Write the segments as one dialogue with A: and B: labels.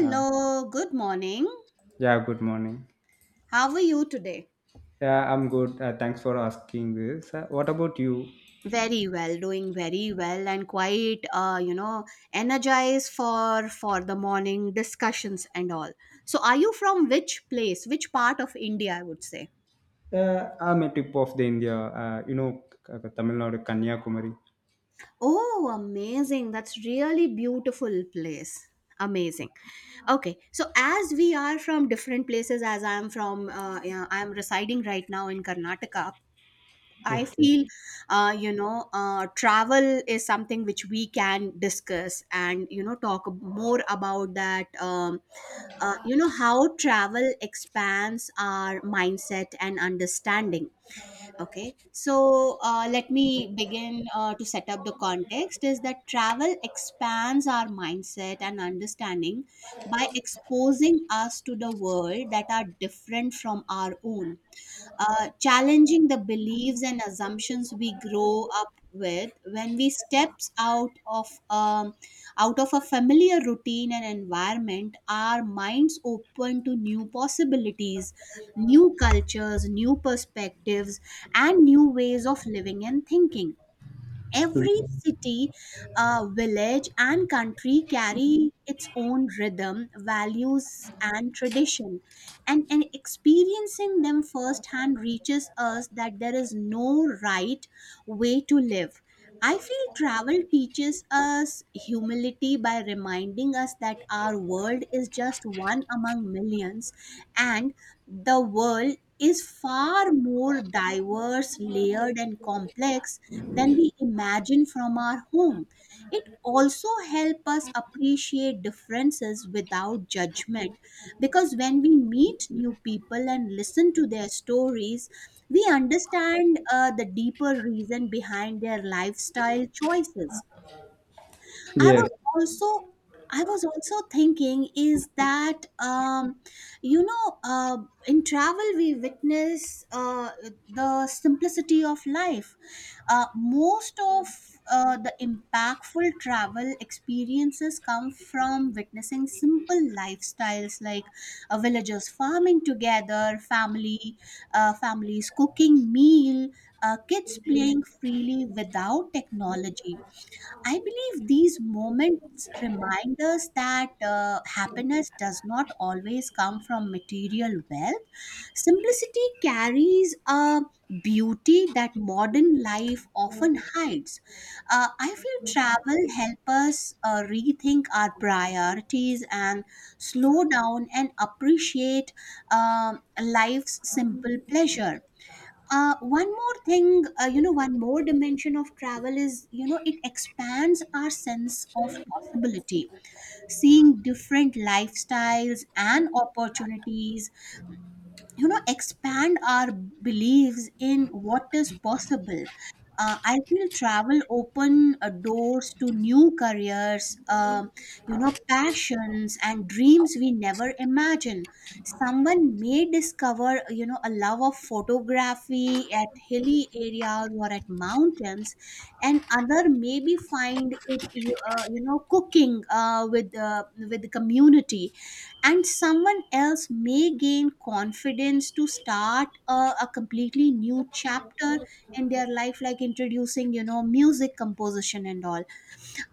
A: Um,
B: good morning.
A: yeah, good morning.
B: How are you today?
A: Yeah, I'm good. Thanks for asking this. What about you?
B: Very well, doing very well and quite energized for the morning discussions and all. So are you from which place, which part of India, I would say?
A: I'm a tip of the India, Tamil Nadu, Kanyakumari.
B: Oh, amazing. That's really beautiful place. Amazing. Okay. So as we are from different places as I am from yeah, I am residing right now in Karnataka I
A: Okay.
B: feel, travel is something which we can discuss and, you know, talk more about that, how travel expands our mindset and understanding. Okay. So let me begin to set up the context is that travel expands our mindset and understanding by exposing us to the world that are different from our own challenging the beliefs and assumptions we grow up with when we steps out of a familiar routine and environment, our minds open to new possibilities, new cultures, new perspectives, and new ways of living and thinking. Every city, village, and country carry its own rhythm, values, and tradition. And experiencing them firsthand reaches us that there is no right way to live. I feel travel teaches us humility by reminding us that our world is just one among millions, and the world is far more diverse, layered, and complex than we imagine from our home. It also helps us appreciate differences without judgment because when we meet new people and listen to their stories, we understand the deeper reason behind their lifestyle choices. I
A: Yes.
B: was also I was also thinking is that you know uh, in travel we witness the simplicity of life. Most of the impactful travel experiences come from witnessing simple lifestyles like villagers farming together, family families cooking meal, kids playing freely without technology. I believe these moments remind us that happiness does not always come from material wealth. Simplicity carries a beauty that modern life often hides. I feel travel helps us rethink our priorities and slow down and appreciate life's simple pleasure. One more thing, one more dimension of travel is, you know, it expands our sense of possibility. Seeing different lifestyles and opportunities, you know, expand our beliefs in what is possible. I feel travel open doors to new careers, passions and dreams we never imagined. Someone may discover, you know, a love of photography at hilly areas or at mountains, and other maybe find it cooking with the community, and someone else may gain confidence to start a completely new chapter in their life, like introducing, you know, music composition and all.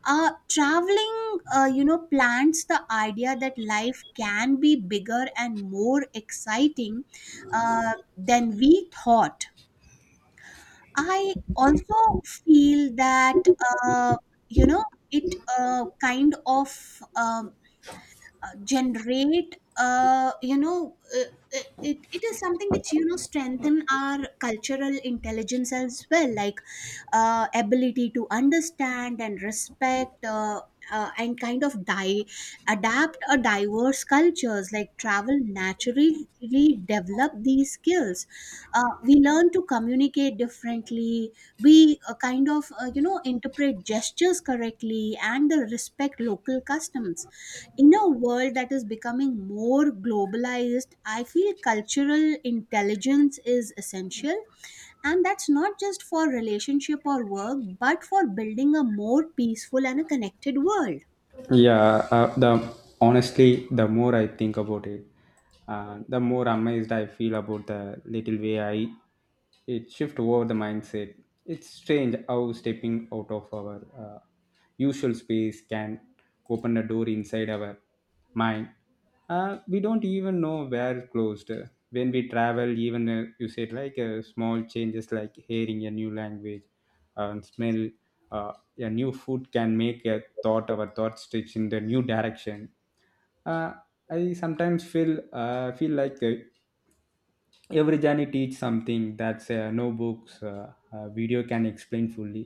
B: Traveling plants the idea that life can be bigger and more exciting than we thought. I also feel that uh, you know it kind of generate you know it, it it is something which, you know, strengthen our cultural intelligence as well, like ability to understand and respect, and adapt a diverse cultures. Like, travel naturally develop these skills. We learn to communicate differently. We, interpret gestures correctly and the respect local customs. In a world that is becoming more globalized, I feel cultural intelligence is essential, and that's not just for relationship or work, but for building a more peaceful and a connected world.
A: Yeah, the honestly, the more I think about it, the more amazed I feel about the little way I it shift over the mindset. It's strange how stepping out of our usual space can open a door inside our mind. We don't even know where it closed. When we travel, even you said like small changes like hearing a new language and smell uh, a new food can make a thought our thought stretch in the new direction. Uh, i sometimes feel feel like every journey teach something that no books video can explain fully.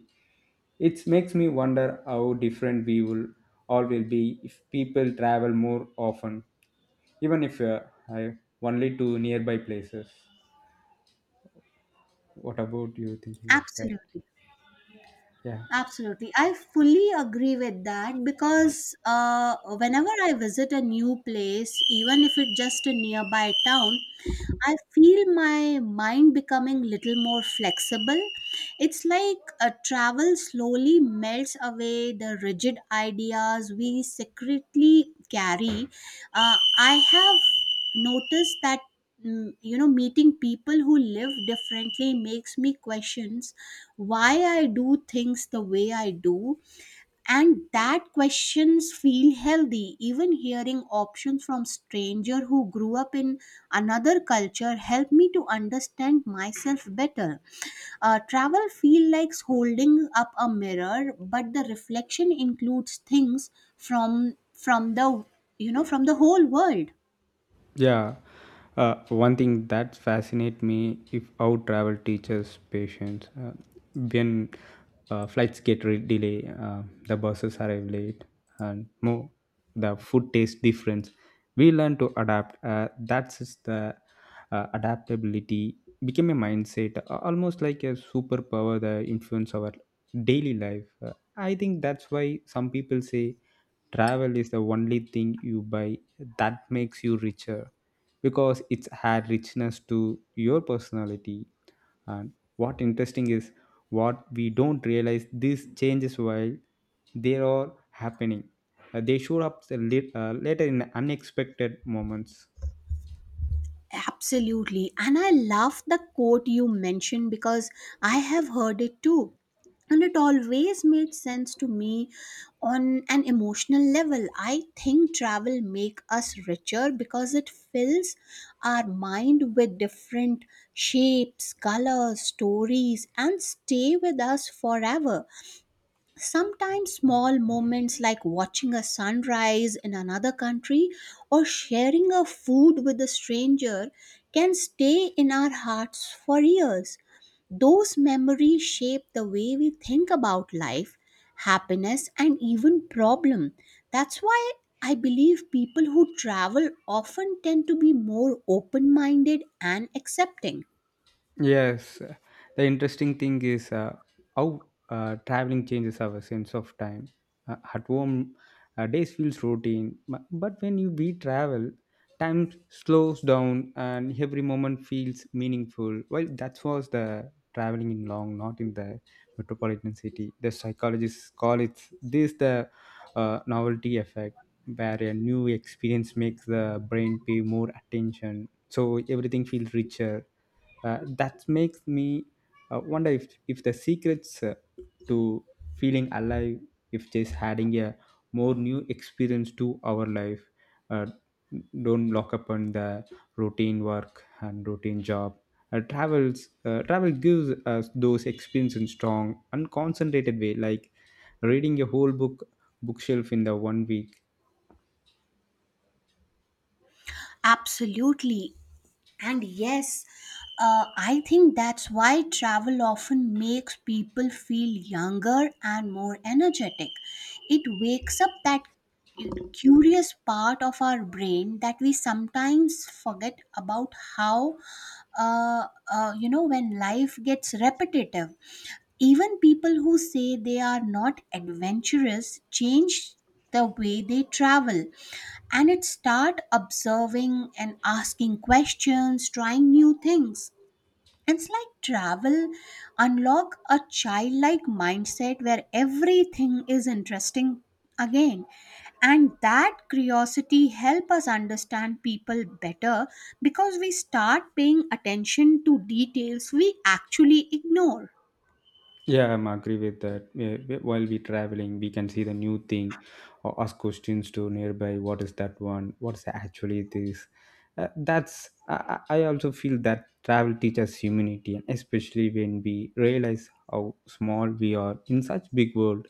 A: It makes me wonder how different we will all will be if people travel more often, even if I, only to nearby places. What about you thinking of that?
B: Absolutely.
A: Yeah.
B: Absolutely. I fully agree with that because, whenever I visit a new place, even if it's just a nearby town, I feel my mind becoming little more flexible. It's like a travel slowly melts away the rigid ideas we secretly carry. I have noticed that, you know, meeting people who live differently makes me questions why I do things the way I do, and that questions feel healthy. Even hearing options from stranger who grew up in another culture help me to understand myself better. Travel feel like holding up a mirror, but the reflection includes things from from the from the whole world.
A: Yeah, one thing that fascinates me if how travel teaches patience. When flights get delayed, the buses arrive late, and more the food tastes different. We learn to adapt. That's just the adaptability became a mindset, almost like a superpower that influence our daily life. I think that's why some people say travel is the only thing you buy that makes you richer because it's had richness to your personality. And what interesting is what we don't realize these changes while they are happening. They show up later in unexpected moments.
B: Absolutely. And I love the quote you mentioned because I have heard it too. And it always made sense to me on an emotional level. I think travel make us richer because it fills our mind with different shapes, colors, stories and stay with us forever. Sometimes small moments like watching a sunrise in another country or sharing a food with a stranger can stay in our hearts for years. Those memories shape the way we think about life, happiness, and even problem. That's why I believe people who travel often tend to be more open minded and accepting.
A: Yes, the interesting thing is how traveling changes our sense of time. At home, days feels routine, but when you we travel, time slows down and every moment feels meaningful. Well, that was the traveling in long, not in the metropolitan city. The psychologists call it this the novelty effect, where a new experience makes the brain pay more attention, so everything feels richer. That makes me wonder if the secrets to feeling alive if just adding a more new experience to our life, uh, don't lock up on the routine work and routine job. Travel gives us those experiences in strong unconcentrated way like reading a whole book bookshelf in the one week.
B: Absolutely. And yes, I think that's why travel often makes people feel younger and more energetic. It wakes up that curious part of our brain that we sometimes forget about how, uh, when life gets repetitive. Even people who say they are not adventurous change the way they travel, and it start observing and asking questions, trying new things. It's like travel unlock a childlike mindset where everything is interesting again, and that curiosity help us understand people better because we start paying attention to details we actually ignore.
A: Yeah, I'm agree with that. Yeah, while we traveling, we can see the new thing or ask questions to nearby. What is that one? What's actually this? That's I also feel that travel teaches humanity, and especially when we realize how small we are in such big world,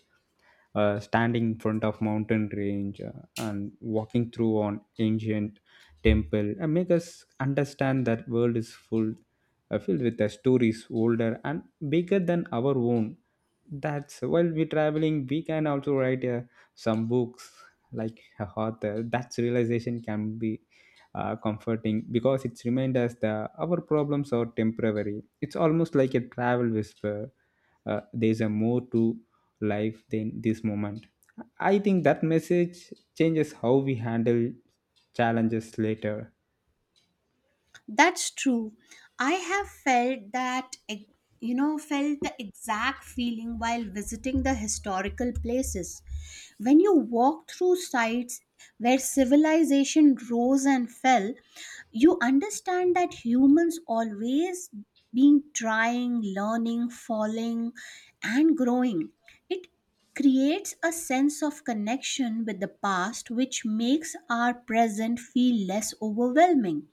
A: standing in front of mountain range and walking through an ancient temple and make us understand that world is full, filled with the stories older and bigger than our own. That's while we're traveling we can also write some books like a author. That's realization can be comforting because it's remind us that our problems are temporary. It's almost like a travel whisper, there's a more to life than this moment. I think that message changes how we handle challenges later.
B: That's true. I have felt that, felt the exact feeling while visiting the historical places. When you walk through sites where civilization rose and fell, you understand that humans always been trying, learning, falling, and growing. It creates a sense of connection with the past, which makes our present feel less overwhelming.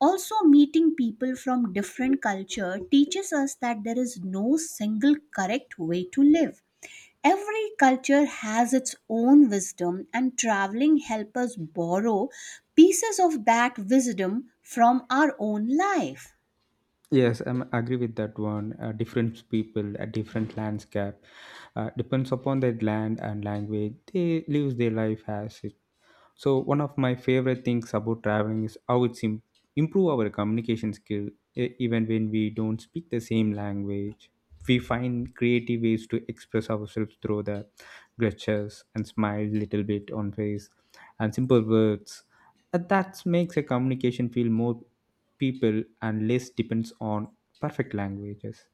B: Also, meeting people from different culture teaches us that there is no single correct way to live. Every culture has its own wisdom, and traveling helps us borrow pieces of that wisdom from our own life.
A: Yes, I agree with that one. Different people, a different landscape, depends upon their land and language. They live their life as it. So one of my favorite things about traveling is how improve our communication skill. Even when we don't speak the same language, we find creative ways to express ourselves through the gestures and smile little bit on face and simple words. And that makes a communication feel more people and less depends on perfect languages.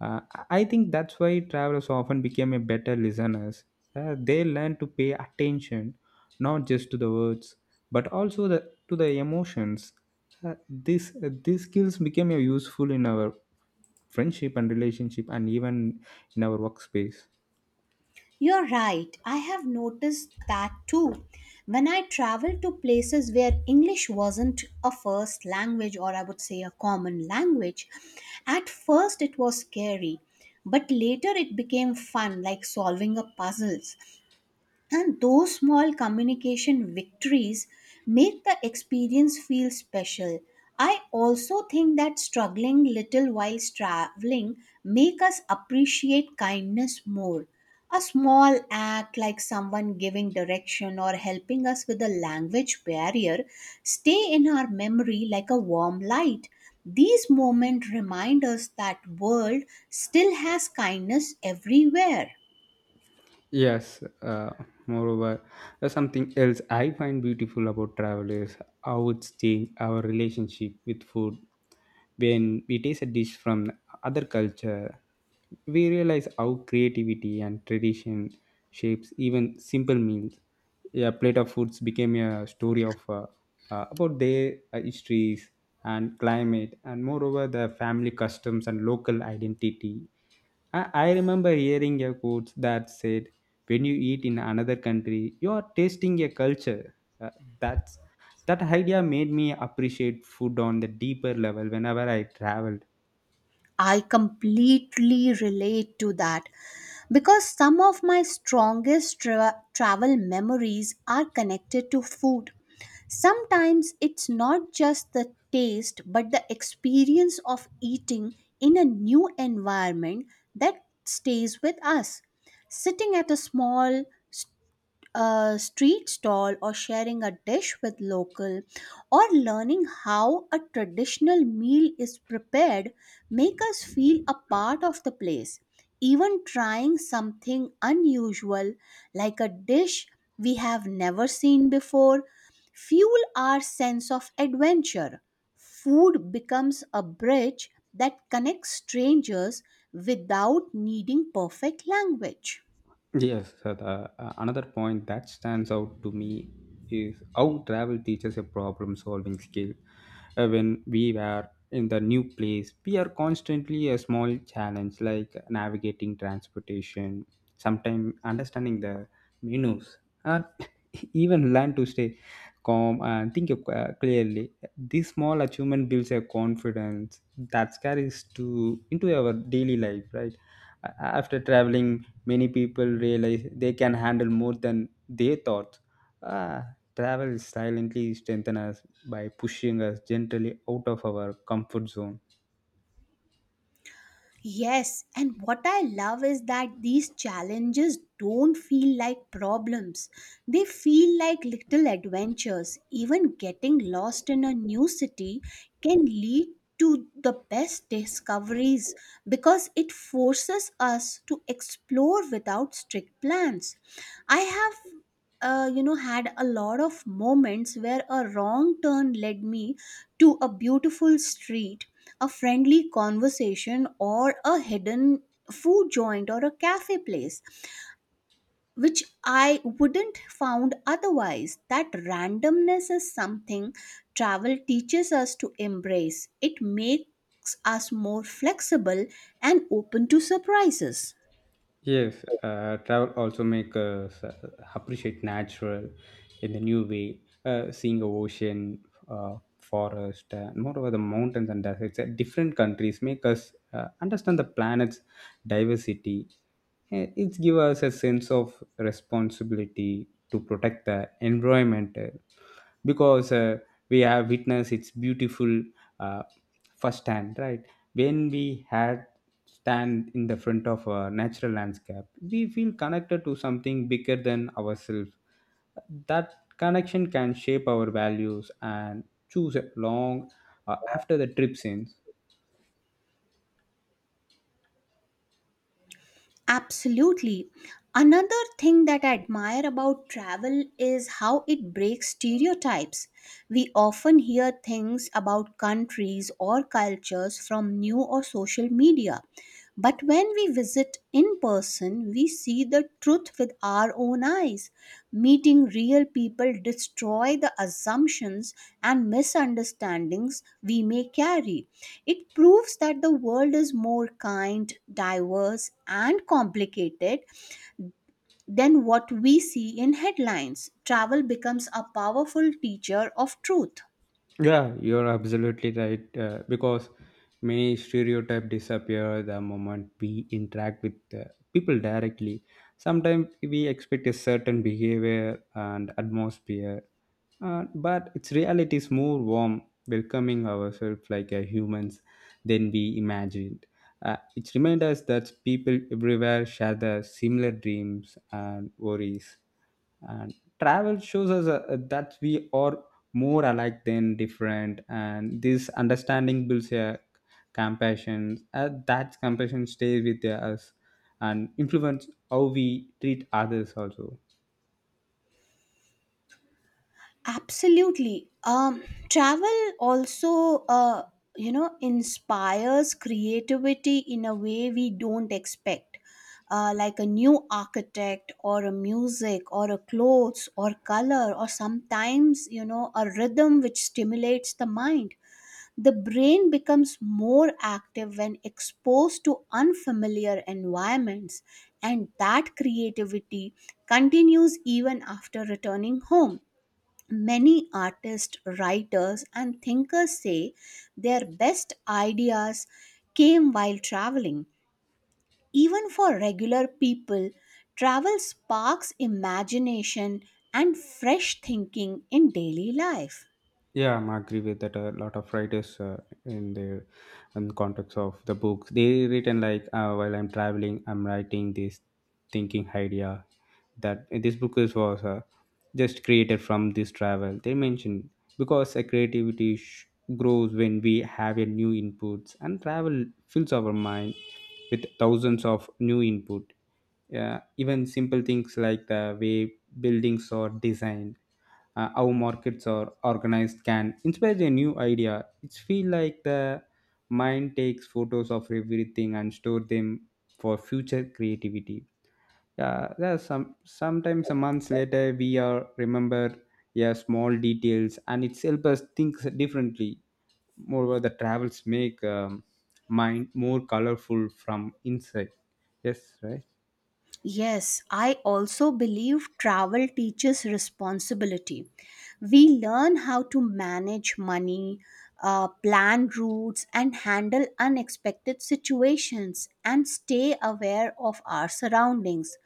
A: Uh, I think that's why travelers often become a better listeners. They learn to pay attention not just to the words but to the emotions. Uh, this these skills became useful in our friendship and relationship and even in our workspace.
B: You're right, I have noticed that too. When I traveled to places where English wasn't a first language, or I would say a common language, at first it was scary, but later it became fun, like solving a puzzles. And those small communication victories make the experience feel special. I also think that struggling little while traveling make us appreciate kindness more. A small act like someone giving direction or helping us with a language barrier stay in our memory like a warm light. These moments remind us that world still has kindness everywhere.
A: Yes, moreover, there's something else I find beautiful about travel is how it's changed our relationship with food. When we taste a dish from other culture, we realize how creativity and tradition shapes even simple meals. A plate of foods became a story of about their histories and climate, and moreover the family customs and local identity. I remember hearing a quote that said, "When you eat in another country, you are tasting a culture." Uh, that's that idea made me appreciate food on the deeper level whenever I travel.
B: I completely relate to that because some of my strongest travel memories are connected to food. Sometimes it's not just the taste but the experience of eating in a new environment that stays with us. Sitting at a small a street stall, or sharing a dish with local, or learning how a traditional meal is prepared make us feel a part of the place. Even trying something unusual, like a dish we have never seen before, fuel our sense of adventure. Food becomes a bridge that connects strangers without needing perfect language.
A: Yes, so the, another point that stands out to me is how travel teaches a problem solving skill. When we were in the new place, we are constantly a small challenge like navigating transportation, sometimes understanding the menus, and even learn to stay calm and think clearly. This small achievement builds a confidence that carries to into our daily life, right? After traveling many people realize they can handle more than they thought. Ah, Travel silently strengthens us by pushing us gently out of our comfort zone.
B: Yes, and what I love is that these challenges don't feel like problems. They feel like little adventures. Even getting lost in a new city can lead to the best discoveries because it forces us to explore without strict plans. I have, had a lot of moments where a wrong turn led me to a beautiful street, a friendly conversation, or a hidden food joint or a cafe place which I wouldn't found otherwise. That randomness is something travel teaches us to embrace. It makes us more flexible and open to surprises.
A: Yes, travel also make us appreciate natural in a new way. Seeing a ocean, forest, moreover the mountains and deserts, at different countries make us understand the planet's diversity. It gives us a sense of responsibility to protect the environment, because we have witnessed its beautiful uh, firsthand, right? When we had stand in the front of a natural landscape, we feel connected to something bigger than ourselves. That connection can shape our values and choose it long after the trip ends.
B: Absolutely. Another thing that I admire about travel is how it breaks stereotypes. We often hear things about countries or cultures from new or social media, but when we visit in person, we see the truth with our own eyes. Meeting real people destroy the assumptions and misunderstandings we may carry. It proves that the world is more kind, diverse, and complicated than what we see in headlines. Travel becomes a powerful teacher of truth.
A: Yeah, you're absolutely right, because many stereotypes disappear the moment we interact with people directly. Sometimes we expect a certain behavior and atmosphere. But its reality is more warm, welcoming ourselves like humans than we imagined. It reminds us that people everywhere share the similar dreams and worries. And travel shows us that we are more alike than different. And this understanding builds a compassion. That compassion stays with us and influence how we treat others also.
B: Absolutely. Travel also, inspires creativity in a way we don't expect. Like a new architect or a music or a clothes or color, or sometimes, you know, a rhythm which stimulates the mind. The brain becomes more active when exposed to unfamiliar environments, and that creativity continues even after returning home. Many artists, writers, and thinkers say their best ideas came while traveling. Even for regular people, travel sparks imagination and fresh thinking in daily life.
A: Yeah, I agree with that. A lot of writers in their in context of the book, they written like, while I'm traveling, I'm writing this thinking idea, that this book is was just created from this travel. They mentioned, because a creativity grows when we have a new inputs and travel fills our mind with thousands of new input. Yeah, even simple things like the way buildings are designed, how markets are organized can inspire a new idea. It's feel like the mind takes photos of everything and store them for future creativity. Yeah, there sometimes a month later we are remember yeah small details and it's help us think differently. Moreover the travels make mind more colorful from inside. Yes, right.
B: Yes, I also believe travel teaches responsibility. We learn how to manage money, plan routes, and handle unexpected situations, and stay aware of our surroundings.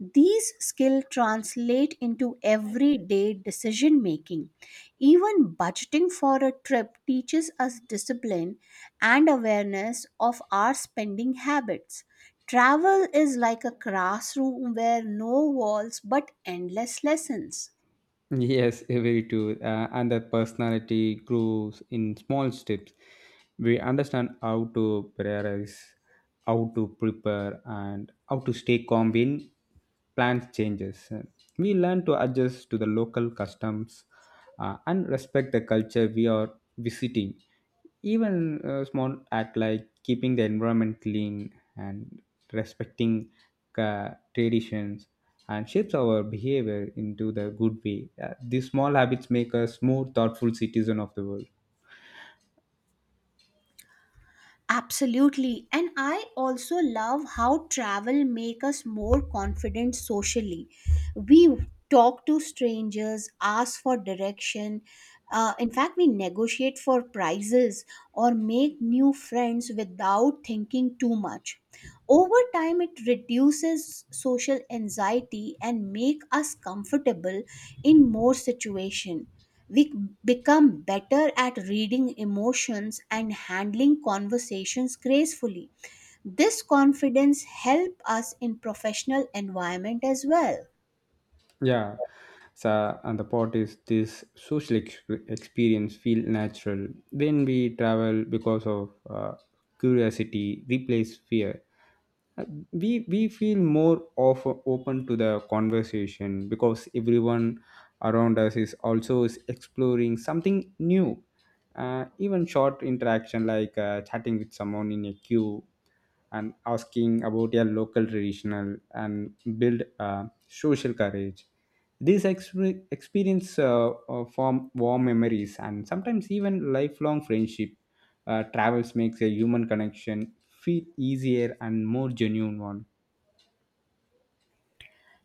B: These skills translate into everyday decision making. Even budgeting for a trip teaches us discipline and awareness of our spending habits. Travel is like a classroom where no walls but endless lessons.
A: Yes, very true. And the personality grows in small steps. We understand how to prioritize, how to prepare, and how to stay calm when plans changes. We learn to adjust to the local customs and respect the culture we are visiting. Even small act like keeping the environment clean and respecting traditions and shapes our behavior into the good way. These small habits make us more thoughtful citizen of the world.
B: Absolutely. And I also love how travel make us more confident socially. We talk to strangers, ask for direction. In fact, we negotiate for prices or make new friends without thinking too much. Over time, it reduces social anxiety and make us comfortable in more situation. We become better at reading emotions and handling conversations gracefully. This confidence helps us in professional environment as well.
A: Yeah. So, and the part is this experience feel natural when we travel because of curiosity replace fear. Uh, we feel more of open to the conversation because everyone around us is also is exploring something new. Even short interaction like chatting with someone in a queue and asking about their local traditional and build social courage. These experience form warm memories and sometimes even lifelong friendship. Travels makes a human connection feel easier and more genuine one.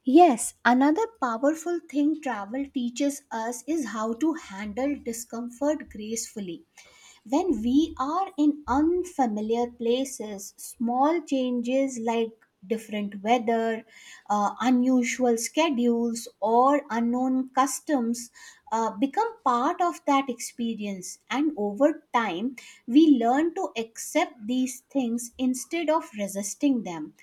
B: Yes, another powerful thing travel teaches us is how to handle discomfort gracefully. When we are in unfamiliar places, small changes like different weather, unusual schedules, or unknown customs become part of that experience. And over time, we learn to accept these things instead of resisting them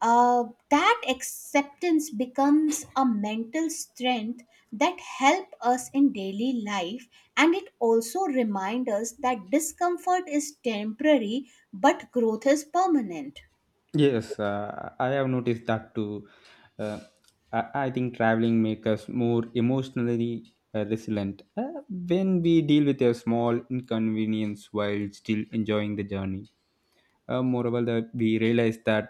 B: uh, that acceptance becomes a mental strength that help us in daily life, and it also reminds us that discomfort is temporary but growth is permanent.
A: Yes, I have noticed that too. Uh, I, I think traveling makes us more emotionally resilient, when we deal with a small inconvenience while still enjoying the journey. Moreover, that we realize that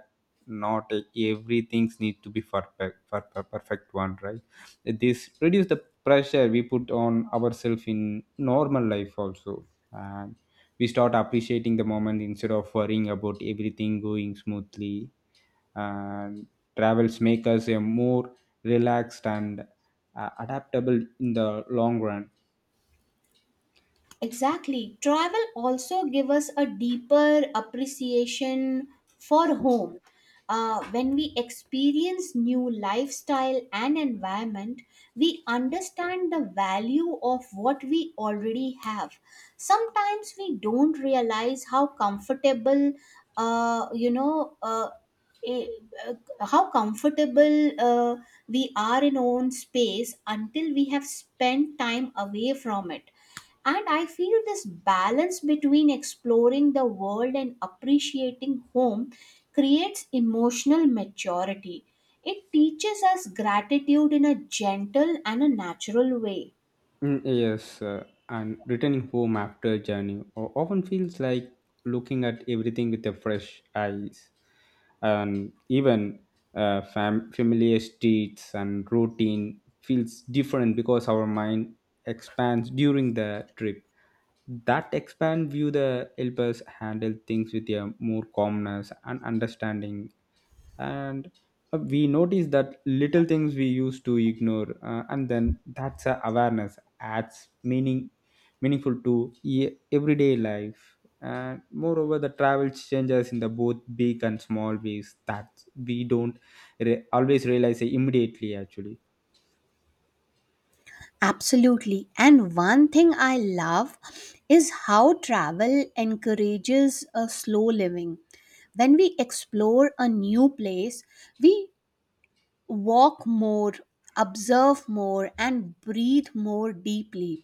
A: not everything needs to be perfect, perfect one, right? This reduce the pressure we put on ourselves in normal life also, and we start appreciating the moment instead of worrying about everything going smoothly. And travels make us a more relaxed and adaptable in the long run.
B: Exactly. Travel also give us a deeper appreciation for home. When we experience new lifestyle and environment, we understand the value of what we already have. Sometimes we don't realize how comfortable, you know, eh, uh, how comfortable we are in our own space until we have spent time away from it, and I feel this balance between exploring the world and appreciating home creates emotional maturity. It teaches us gratitude in a gentle and a natural way.
A: Mm, yes, and returning home after a journey often feels like looking at everything with a fresh eyes, and even familiar streets and routine feels different because our mind expands during the trip. That expand view the help us handle things with a more calmness and understanding and we notice that little things we used to ignore and then that's a awareness adds meaning meaningful to everyday life. And moreover, the travel changes in the both big and small ways that we don't always realize immediately actually.
B: Absolutely. And one thing I love is how travel encourages a slow living. When we explore a new place, we walk more, observe more, and breathe more deeply.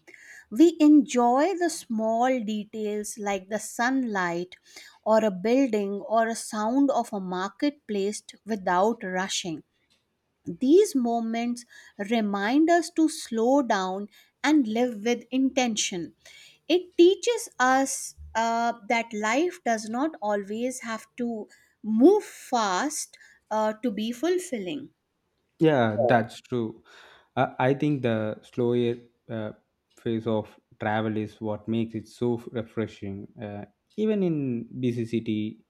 B: We enjoy the small details like the sunlight or a building or a sound of a marketplace without rushing. These moments remind us to slow down and live with intention. It teaches us that life does not always have to move fast to be fulfilling.
A: Yeah, that's true. I think the slower uh, phase of travel is what makes it so refreshing. Even in busy city,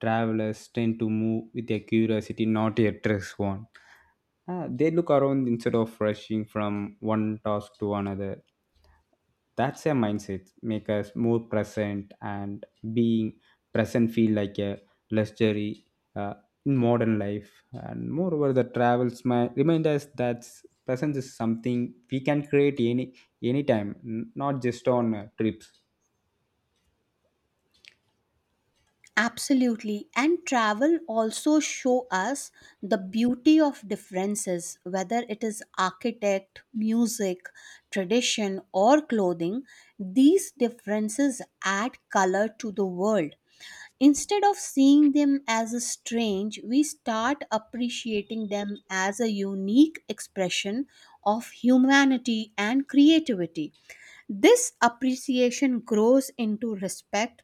A: travelers tend to move with a curiosity, not a dress one. They look around instead of rushing from one task to another. That's a mindset, make us more present, and being present feel like a luxury uh, in modern life. And moreover, the travels might remind us that presence is something we can create anytime, not just on trips.
B: Absolutely. And travel also show us the beauty of differences, whether it is architect, music, tradition, or clothing. These differences add color to the world. Instead of seeing them as a strange, we start appreciating them as a unique expression of humanity and creativity. This appreciation grows into respect,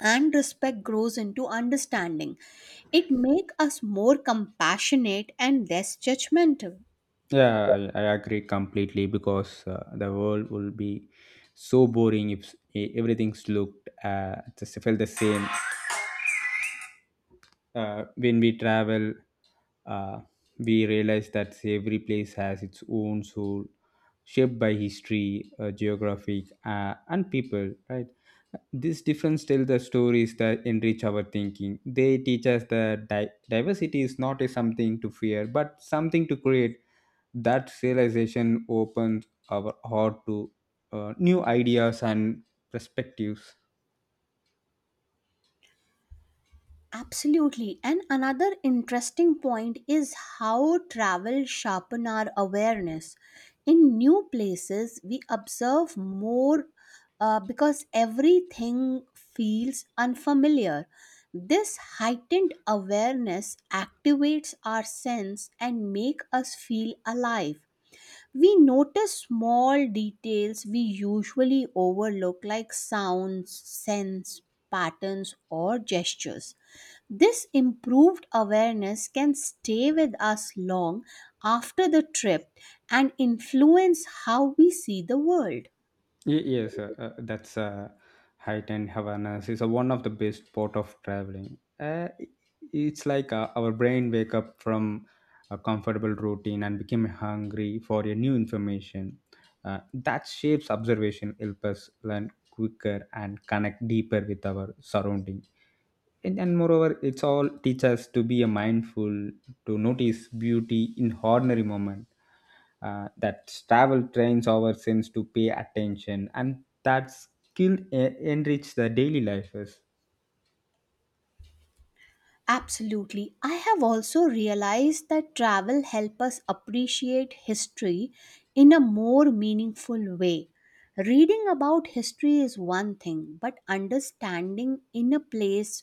B: and respect grows into understanding. It make us more compassionate and less judgmental.
A: Yeah, I agree completely because the world will be so boring if everything's looked just felt the same when we travel, uh, we realize that every place has its own soul, shaped by history, geographic, and people, right? This difference tell the stories that enrich our thinking. They teach us that diversity is not a something to fear but something to create. That realization opens our heart to new ideas and perspectives.
B: Absolutely. And another interesting point is how travel sharpen our awareness. In new places we observe more, because everything feels unfamiliar. This heightened awareness activates our sense and make us feel alive. We notice small details we usually overlook, like sounds, scents, patterns, or gestures. This improved awareness can stay with us long after the trip and influence how we see the world.
A: Yes, that's heightened awareness is one of the best part of traveling. Uh, i- it's like our brain wake up from a comfortable routine and become hungry for a new information. That shapes observation help us learn quicker and connect deeper with our surrounding. And moreover, it's all teach us to be a mindful, to notice beauty in ordinary moment. That travel trains our sense to pay attention, and that skill enrich the daily life is.
B: Absolutely. I have also realized that travel helps us appreciate history in a more meaningful way. Reading about history is one thing, but understanding in a place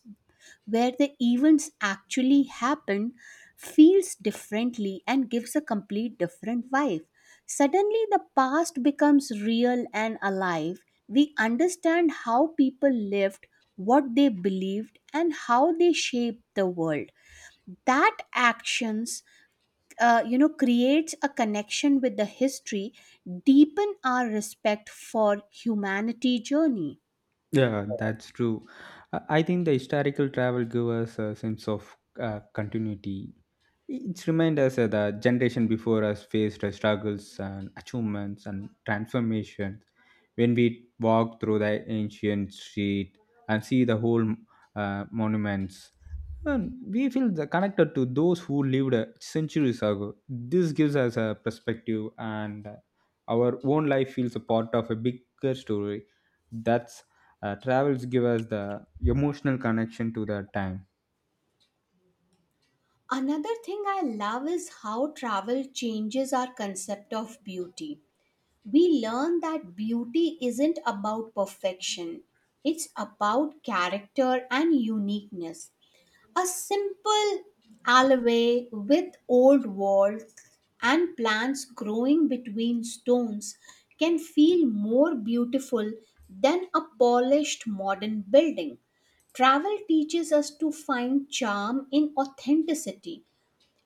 B: where the events actually happen feels differently and gives a complete different vibe. Suddenly, the past becomes real and alive. We understand how people lived, what they believed, and how they shaped the world. That actions, you know, creates a connection with the history, deepen our respect for humanity journey.
A: Yeah, that's true. I think the historical travel gives us a sense of continuity. It reminds us that the generation before us faced struggles and achievements and transformations. When we walk through the ancient street and see the whole monuments, and we feel the connected to those who lived centuries ago. This gives us a perspective, and our own life feels a part of a bigger story. That's travels give us the emotional connection to the time.
B: Another thing I love is how travel changes our concept of beauty. We learn that beauty isn't about perfection, it's about character and uniqueness. A simple alleyway with old walls and plants growing between stones can feel more beautiful than a polished modern building. Travel teaches us to find charm in authenticity,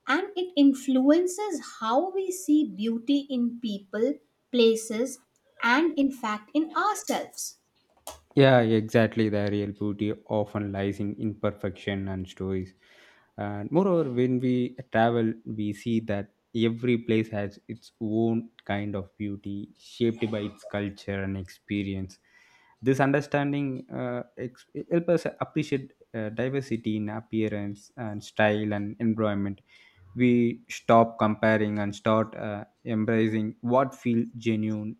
B: and it influences how we see beauty in people, places, and in fact in ourselves.
A: Yeah, exactly. The real beauty often lies in imperfection and stories. And moreover, when we travel, we see that every place has its own kind of beauty, shaped by its culture and experience. This understanding help us appreciate diversity in appearance and style and environment. We stop comparing and start embracing what feels genuine.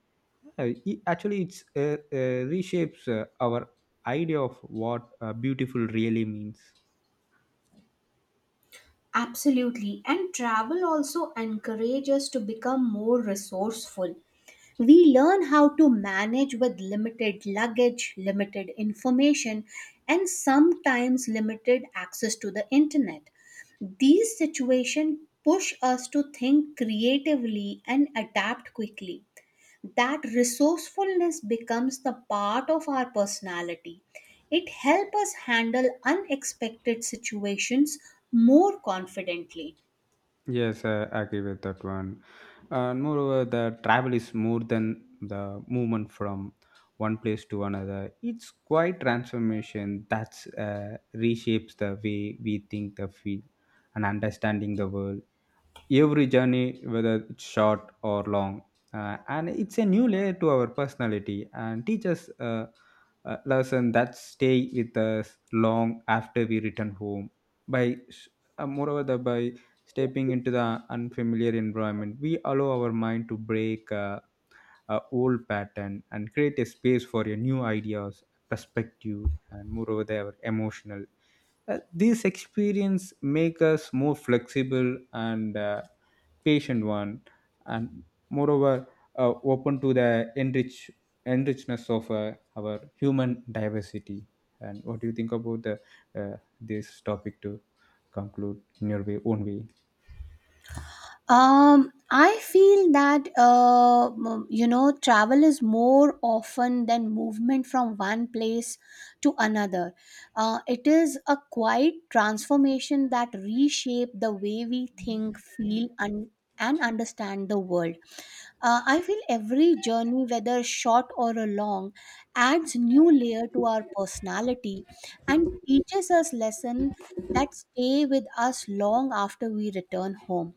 A: Yeah, actually it's reshapes our idea of what beautiful really means.
B: Absolutely. And travel also encourages us to become more resourceful. We learn how to manage with limited luggage, limited information, and sometimes limited access to the internet. These situations push us to think creatively and adapt quickly. That resourcefulness becomes the part of our personality. It helps us handle unexpected situations more confidently.
A: Yes, I agree with that one. And moreover, the travel is more than the movement from one place to another. It's quite transformation that's reshapes the way we think, the feel, and understanding the world. Every journey, whether it's short or long, and it's a new layer to our personality and teaches lesson that stay with us long after we return home. by s- Moreover, the, by stepping into the unfamiliar environment, we allow our mind to break a old pattern and create a space for your new ideas, perspective, and moreover they emotional. These experience make us more flexible and patient one, and moreover, open to the enrich enrichness of our human diversity. And what do you think about the, this topic, to conclude in your way, own way?
B: Um, I feel that you know travel is more often than movement from one place to another. It is a quiet transformation that reshape the way we think, feel, and understand the world. I feel every journey, whether short or a long, adds new layer to our personality and teaches us lessons that stay with us long after we return home.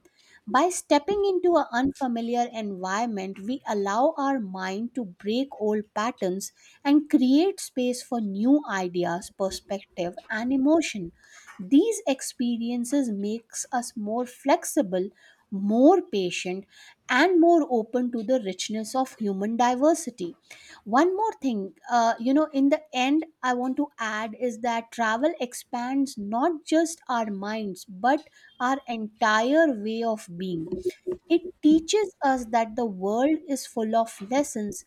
B: By stepping into an unfamiliar environment, we allow our mind to break old patterns and create space for new ideas, perspective, and emotion. These experiences makes us more flexible, more patient, and more open to the richness of human diversity. One more thing, you know, in the end I want to add is that travel expands not just our minds but our entire way of being. It teaches us that the world is full of lessons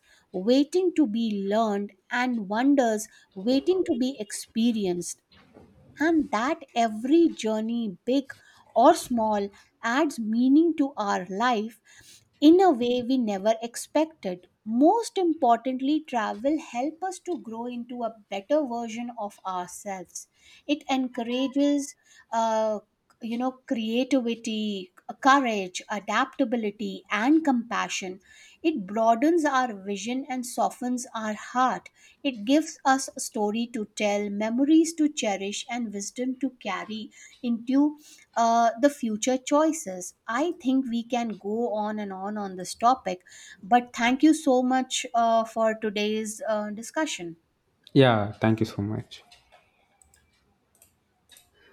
B: waiting to be learned and wonders waiting to be experienced, and that every journey, big or small, adds meaning to our life in a way we never expected. Most importantly, travel helps us to grow into a better version of ourselves. It encourages. Uh, you know, creativity, courage, adaptability, and compassion. It broadens our vision and softens our heart. It gives us a story to tell, memories to cherish, and wisdom to carry into the future choices. I think we can go on and on on this topic, but thank you so much for today's discussion.
A: Yeah, thank you so much.